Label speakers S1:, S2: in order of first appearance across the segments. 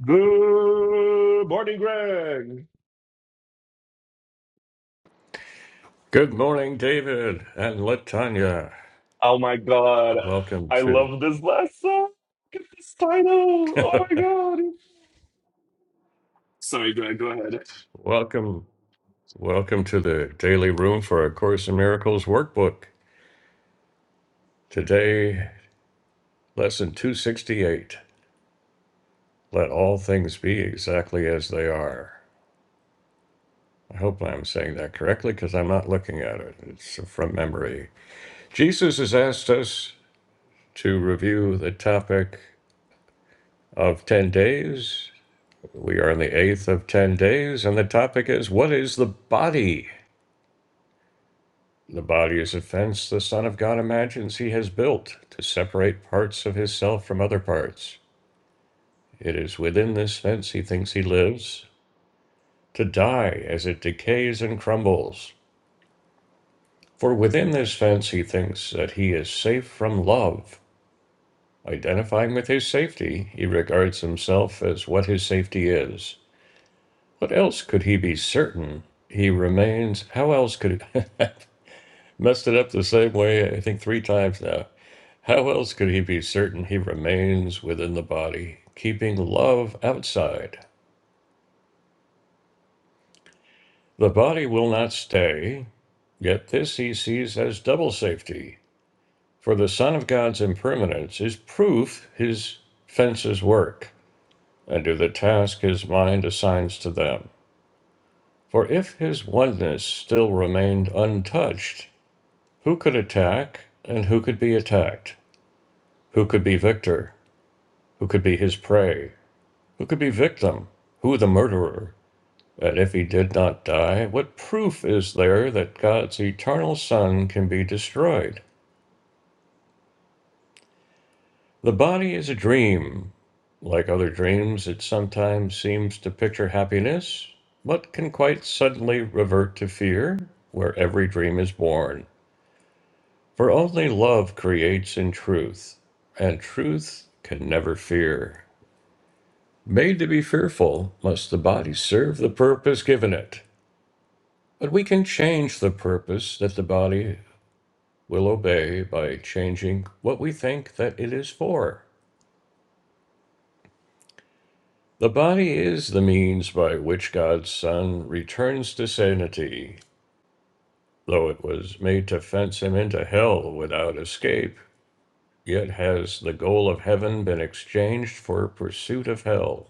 S1: Good morning, Greg.
S2: Good morning, David and Latanya.
S1: Oh my god.
S2: Welcome
S1: I
S2: to
S1: love this last song. Look at this title. Oh my god. Sorry, Greg, go ahead.
S2: welcome welcome to the daily room for a Course in Miracles workbook. Today, lesson 268. Let all things be exactly as they are. I hope I'm saying that correctly because I'm not looking at it. It's from memory. Jesus has asked us to review the topic of 10 days. We are in the eighth of 10 days, and the topic is what is the body? The body is a fence the Son of God imagines he has built to separate parts of his self from other parts. It is within this fence he thinks he lives, to die as it decays and crumbles. For within this fence he thinks that he is safe from love. Identifying with his safety, he regards himself as what his safety is. What else could he be certain? He remains. How else could. Messed it up the same way, I think, three times now. How else could he be certain he remains within the body, keeping love outside? The body will not stay, yet this he sees as double safety. For the Son of God's impermanence is proof his fences work and do the task his mind assigns to them. For if his oneness still remained untouched, who could attack and who could be attacked? Who could be victor? Who could be his prey? Who could be victim? Who the murderer? But if he did not die, what proof is there that God's eternal Son can be destroyed? The body is a dream. Like other dreams, it sometimes seems to picture happiness, but can quite suddenly revert to fear, where every dream is born. For only love creates in truth, and truth can never fear. Made to be fearful, must the body serve the purpose given it. But we can change the purpose that the body will obey by changing what we think that it is for. The body is the means by which God's Son returns to sanity, though it was made to fence him into hell without escape. Yet has the goal of heaven been exchanged for pursuit of hell.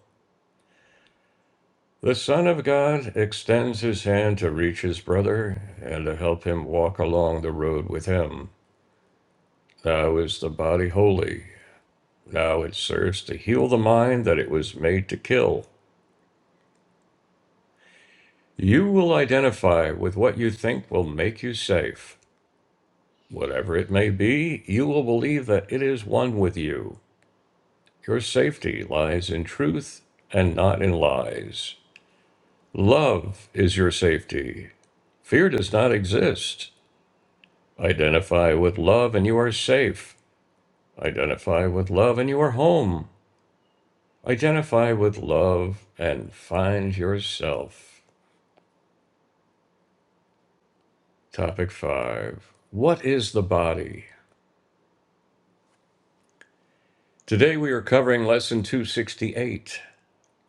S2: The Son of God extends his hand to reach his brother and to help him walk along the road with him. Now is the body holy. Now it serves to heal the mind that it was made to kill. You will identify with what you think will make you safe. Whatever it may be, you will believe that it is one with you. Your safety lies in truth and not in lies. Love is your safety. Fear does not exist. Identify with love and you are safe. Identify with love and you are home. Identify with love and find yourself. Topic 5 What is the body? Today we are covering Lesson 268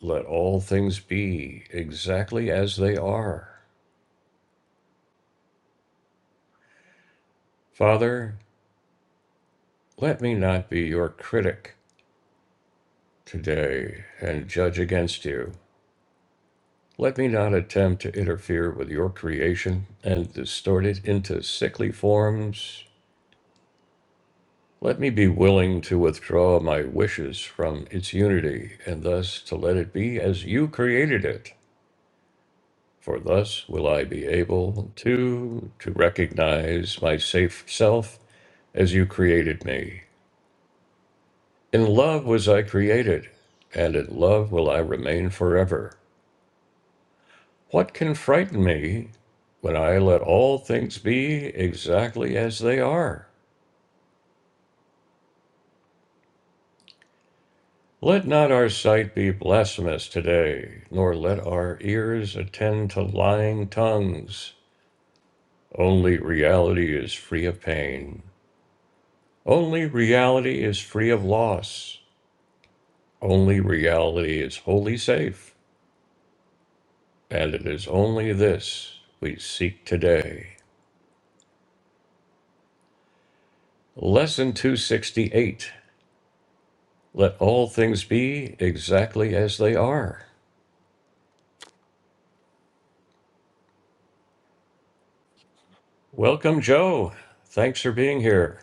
S2: Let All Things Be Exactly as They Are. Father, let me not be your critic today and judge against you. Let me not attempt to interfere with your creation and distort it into sickly forms. Let me be willing to withdraw my wishes from its unity and thus to let it be as you created it. For thus will I be able to to recognize my safe self as you created me. In love was I created, and in love will I remain forever. What can frighten me when I let all things be exactly as they are? Let not our sight be blasphemous today, nor let our ears attend to lying tongues. Only reality is free of pain. Only reality is free of loss. Only reality is wholly safe, and it is only this we seek today. Lesson 268 Let all things be exactly as they are. Welcome, Joe. Thanks for being here.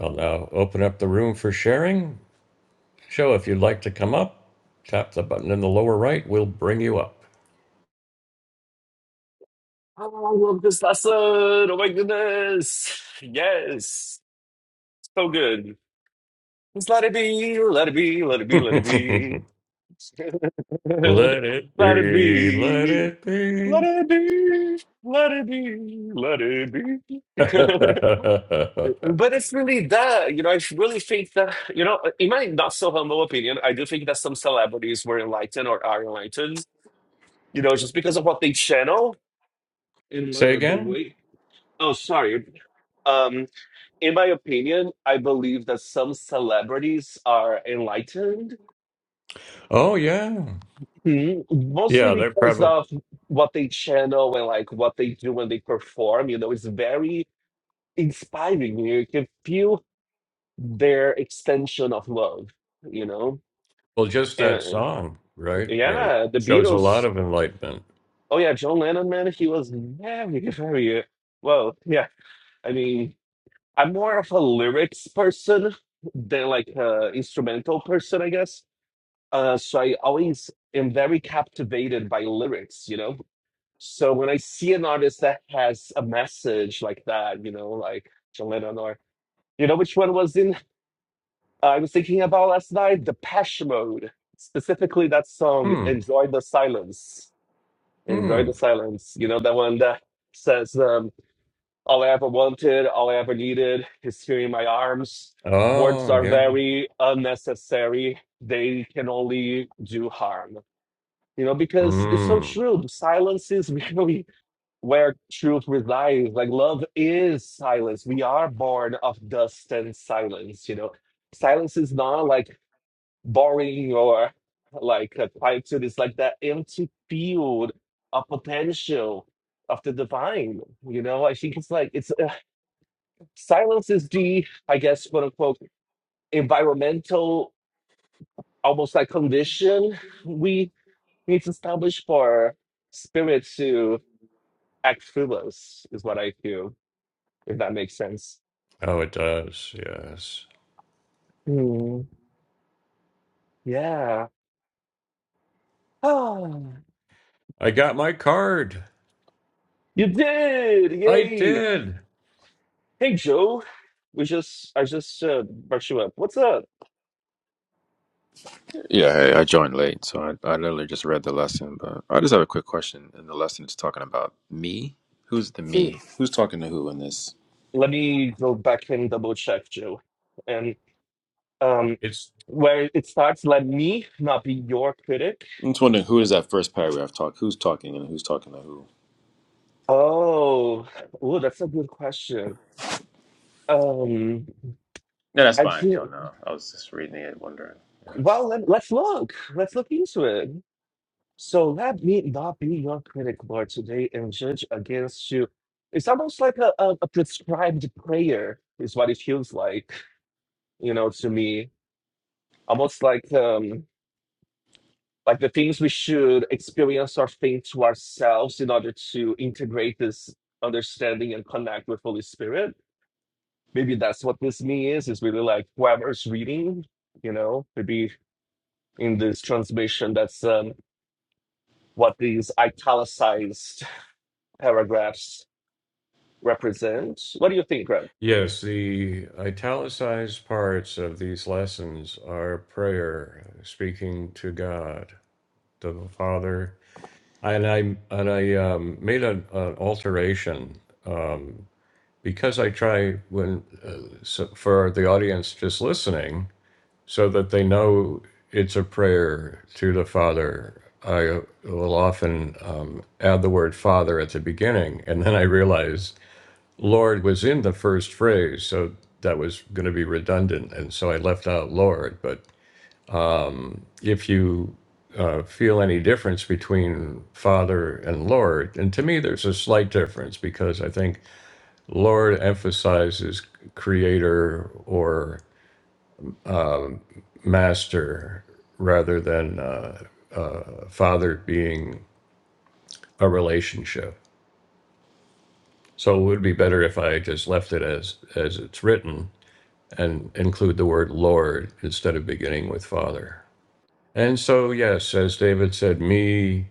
S2: I'll now open up the room for sharing. Joe, if you'd like to come up, tap the button in the lower right. We'll bring you up.
S1: Oh, I love this lesson. Oh my goodness. Yes. So good. Just let it be, let it be, let it be, let it be.
S2: let it
S1: let it
S2: be, let
S1: be.
S2: it
S1: Let
S2: be.
S1: it be. Let it be. Let it be. But it's really that, you know, I really think that, you know, in my not so humble opinion, I do think that some celebrities were enlightened or are enlightened, you know, just because of what they channel in
S2: Say
S1: uh, the
S2: again?
S1: way. Oh, sorry. Um, in my opinion, I believe that some celebrities are enlightened,
S2: Oh, yeah.
S1: Mhm. mostly
S2: Yeah, they're
S1: because
S2: probably
S1: of what they channel and like what they do when they perform. You know, it's very inspiring. You can feel their extension of love, you know?
S2: well. Just
S1: And
S2: that
S1: uh,
S2: song, right? Uh,
S1: yeah, the
S2: shows a lot
S1: Beatles.
S2: of enlightenment.
S1: Oh yeah, John Lennon, man, he was very, very uh, well. Yeah, I mean, I'm more of a lyrics person than like a instrumental person, I guess. Uh, so I always am very captivated by lyrics, you know. So when I see an artist that has a message like that, you know, like John Lennon or you know, which one was in? uh, I was thinking about last night, the Depeche Mode, specifically that song
S2: Hmm.
S1: "Enjoy the Silence." Enjoy
S2: Hmm.
S1: the silence. You know, the one that says, um, all I ever wanted, all I ever needed is here in my arms. Words
S2: Oh,
S1: are
S2: yeah.
S1: very unnecessary. They can only do harm. You know, because it's so
S2: Hmm.
S1: true. Silence is really where truth resides. Like love is silence. We are born of dust and silence, you know. Silence is not like boring or like uh, tied to like that empty field of potential of the divine. You know, I think it's like it's uh, silence is the, I guess, quote unquote, environmental almost like condition we need to establish for spirit to act through us, is what I feel, if that makes sense.
S2: Oh, it does. Yes.
S1: Hmm, yeah. Ah,
S2: I got my card.
S1: you did!
S2: I
S1: Yay!
S2: did.
S1: Hey Joe, we just I just uh, brought you up. What's up?
S3: Yeah, hey, I joined late, so I, I literally just read the lesson, but I just have a quick question. And the lesson, is talking about me. Who's the me?
S1: Mm.
S3: Who's talking to who in this?
S1: Let me go back and double check, Joe. And um,
S2: It's
S1: where it starts, let me not be your critic.
S3: I'm just wondering who is that first paragraph talk? Who's talking and who's talking to who?
S1: Oh, oh, that's a good question. Um,
S3: No, that's
S1: I
S3: fine if you don't
S1: think.
S3: know. I was just reading it, wondering. Yeah.
S1: Well, let, let's look. Let's look into it. So let me not be your critic, Lord, today and judge against you. It's almost like a, a, a prescribed prayer, is what it feels like, you know, to me almost like um like the things we should experience or think to ourselves in order to integrate this understanding and connect with holy spirit maybe that's what this me is is really like whoever's reading you know maybe in this translation that's um what these italicized paragraphs represent what do you think greg
S2: yes. The italicized parts of these lessons are prayer, speaking to God, to the Father, and I and I um, made an, an alteration. um, because I try when uh, so for the audience just listening, so that they know it's a prayer to the Father. I will often um, add the word Father at the beginning, and then I realize Lord was in the first phrase, so that was going to be redundant, and so I left out Lord. But if you uh, feel any difference between Father and Lord, and to me, there's a slight difference because I think Lord emphasizes creator or um, master rather than uh, uh, father being a relationship. So it would be better if I just left it as as it's written and include the word Lord instead of beginning with father. And so yes, as David said, me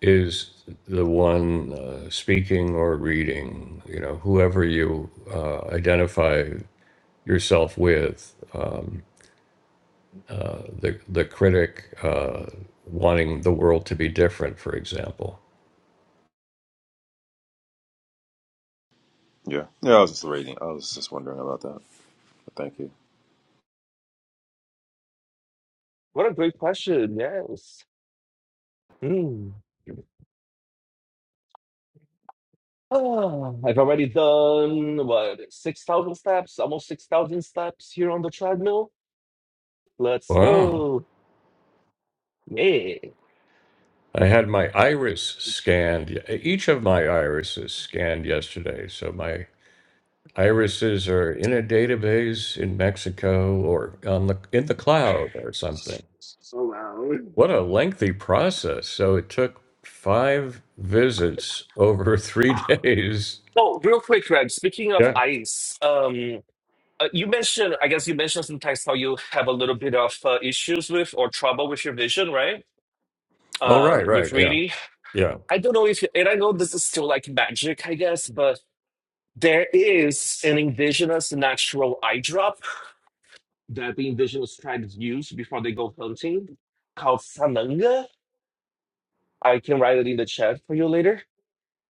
S2: is the one uh, speaking or reading. You know, whoever you uh, identify yourself with. Um, the the critic uh, wanting the world to be different, for example.
S3: Yeah, yeah. I was just reading. I was just wondering about that. But thank you.
S1: what a great question yes Hmm. Oh, I've already done what, 6,000 steps, almost 6,000 steps here on the treadmill. Let's
S2: Wow.
S1: go. Yeah.
S2: I had my iris scanned. Each of my irises scanned yesterday. So my irises are in a database in Mexico or on the in the cloud or something.
S1: So loud.
S2: What a lengthy process. So it took five visits over three days.
S1: Oh, real quick, Greg, speaking of
S2: Yeah.
S1: ice, um, uh, you mentioned, I guess you mentioned sometimes how you have a little bit of uh, issues with or trouble with your vision, right?
S2: Oh, right,
S1: Um,
S2: right.
S1: with
S2: Yeah.
S1: reading.
S2: Yeah.
S1: I don't know if, and I know this is still like magic, I guess, but There is an indigenous natural eye drop that the indigenous tribes use before they go hunting called Sananga. I can write it in the chat for you later.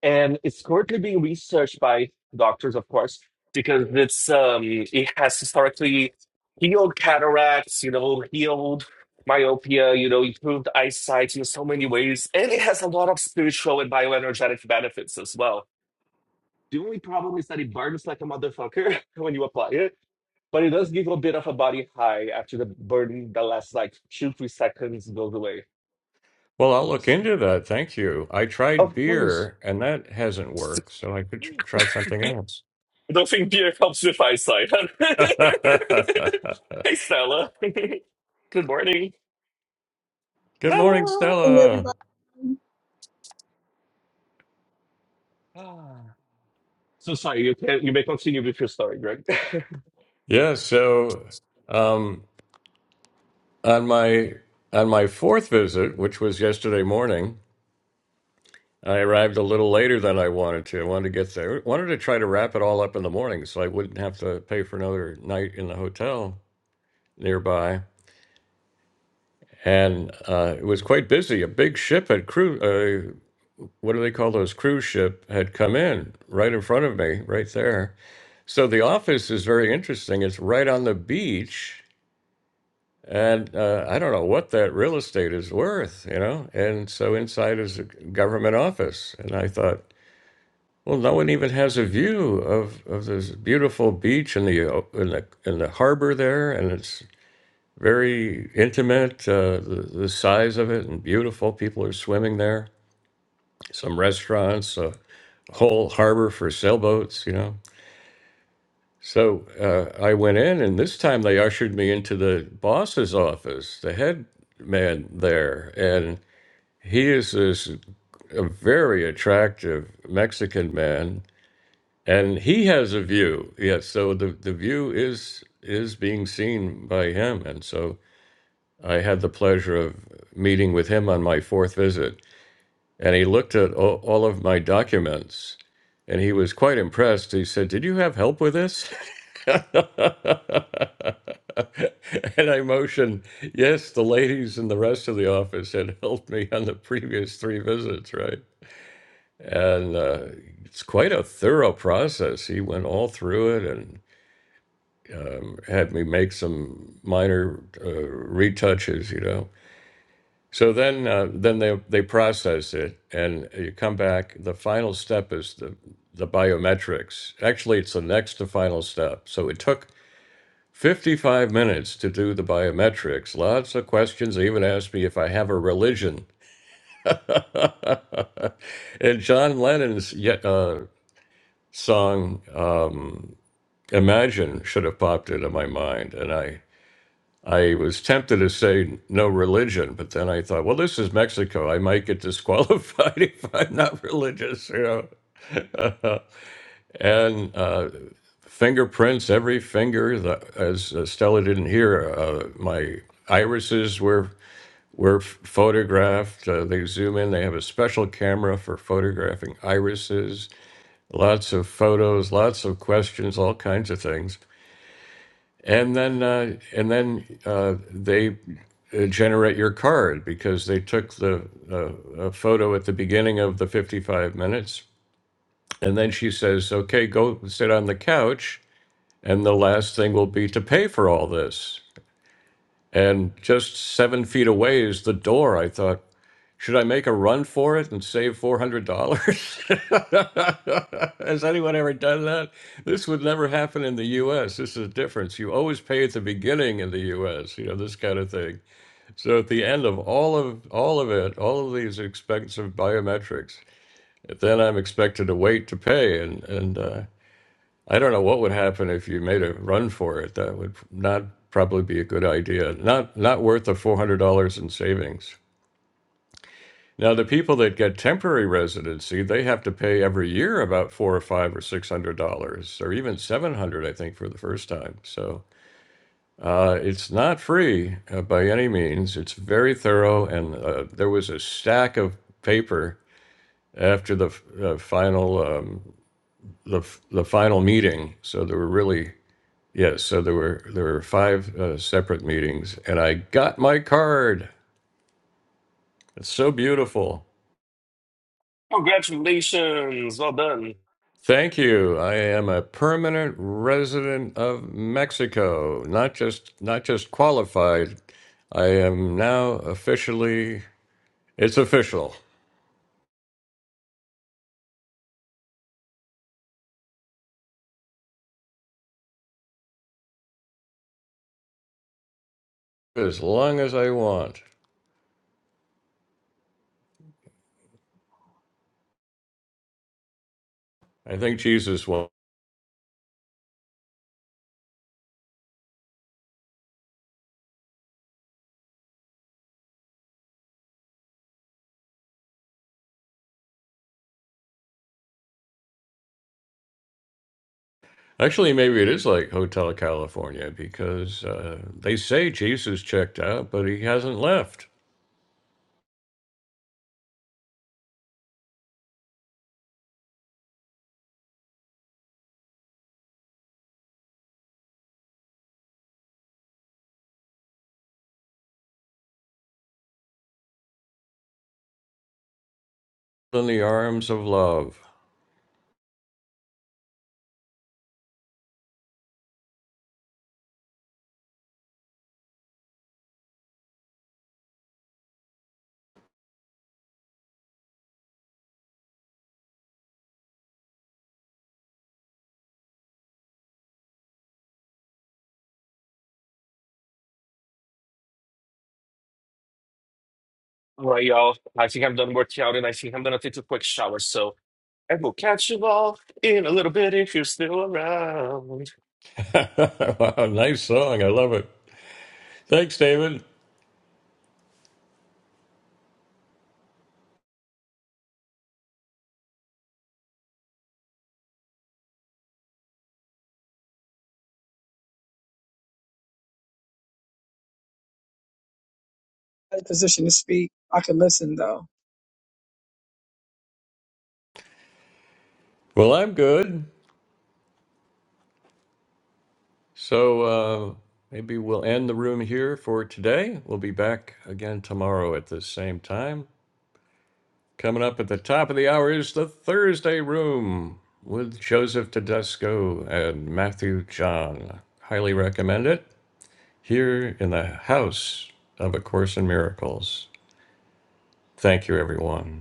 S1: And it's currently being researched by doctors, of course, because it's um it has historically healed cataracts, you know, healed myopia, you know, improved eyesight in so many ways. And it has a lot of spiritual and bioenergetic benefits as well. The only problem is that it burns like a motherfucker when you apply it But it does give you a bit of a body high after the burden the last like two, three seconds goes away.
S2: Well, I'll look into that. Thank you. I tried
S1: Of course.
S2: beer and that hasn't worked, so I could tr- try something
S1: I
S2: else.
S1: don't think beer helps with eyesight. hey Stella. Good morning.
S2: Good morning,
S1: Stella.
S2: Stella.
S4: Everybody in
S1: Ah. So sorry, you can you may continue with your story, Greg.
S2: Yeah, so um, on my on my fourth visit, which was yesterday morning, I arrived a little later than I wanted to. I wanted to get there. wanted to try to wrap it all up in the morning so I wouldn't have to pay for another night in the hotel nearby. And uh, it was quite busy. A big ship had crew uh, what do they call those cruise ship had come in right in front of me right there so the office is very interesting it's right on the beach and uh, i don't know what that real estate is worth you know and so inside is a government office and i thought well no one even has a view of, of this beautiful beach and the, o- and the and the harbor there and it's very intimate uh, the, the size of it and beautiful people are swimming there some restaurants uh, whole harbor for sailboats, you know. So uh, I went in, and this time they ushered me into the boss's office, the head man there. And he is this a very attractive Mexican man, and he has a view. Yeah, so the, the view is is being seen by him. And so I had the pleasure of meeting with him on my fourth visit. And he looked at all, all of my documents and he was quite impressed. He said, Did you have help with this? and I motioned, Yes, the ladies and the rest of the office had helped me on the previous three visits, right? And uh, it's quite a thorough process. He went all through it and um, had me make some minor uh, retouches, you know. So then, uh, then they they process it, and you come back. The final step is the the biometrics. Actually, it's the next to final step. So it took 55 minutes to do the biometrics. Lots of questions. They even asked me if I have a religion. and John Lennon's yet uh, song uh, "Imagine" should have popped into my mind, and I I was tempted to say no religion, but then I thought, well, this is Mexico. I might get disqualified if I'm not religious, you know. and uh, fingerprints, every finger, the, as uh, Stella didn't hear, uh, my irises were were photographed. Uh, they zoom in. They have a special camera for photographing irises. Lots of photos, lots of questions, all kinds of things and then uh, and then uh, they uh, generate your card because they took the uh, a photo at the beginning of the 55 minutes and then she says okay go sit on the couch and the last thing will be to pay for all this and just seven feet away is the door i thought should I make a run for it and save $400? Has anyone ever done that? This would never happen in the US. This is the difference. You always pay at the beginning in the US, you know, this kind of thing. So at the end of all of all of it, all of these expensive biometrics, then I'm expected to wait to pay and and uh, I don't know what would happen if you made a run for it. That would not probably be a good idea. Not not worth the $400 in savings. Now, the people that get temporary residency, they have to pay every year about four or five or six hundred dollars, or even seven hundred, I think, for the first time. So uh, it's not free uh, by any means. It's very thorough, and uh, there was a stack of paper after the f- uh, final um, the f- the final meeting. So there were really yes, so there were there were five uh, separate meetings, and I got my card. It's so beautiful.
S1: Congratulations. Well done.
S2: Thank you. I am a permanent resident of Mexico. Not just not just qualified. I am now officially it's official. As long as I want. I think Jesus won't. Actually, maybe it is like Hotel California because uh, they say Jesus checked out, but he hasn't left. In the arms of love.
S1: All right, y'all. I think I'm done working out and I think I'm gonna take a quick shower. So I will catch you all in a little bit if you're still around.
S2: wow, nice song. I love it. Thanks, David.
S4: a position to speak. I can listen though.
S2: Well, I'm good. So uh, maybe we'll end the room here for today. We'll be back again tomorrow at the same time. Coming up at the top of the hour is the Thursday room with Joseph Tedesco and Matthew John. Highly recommend it here in the house of A Course in Miracles. Thank you, everyone.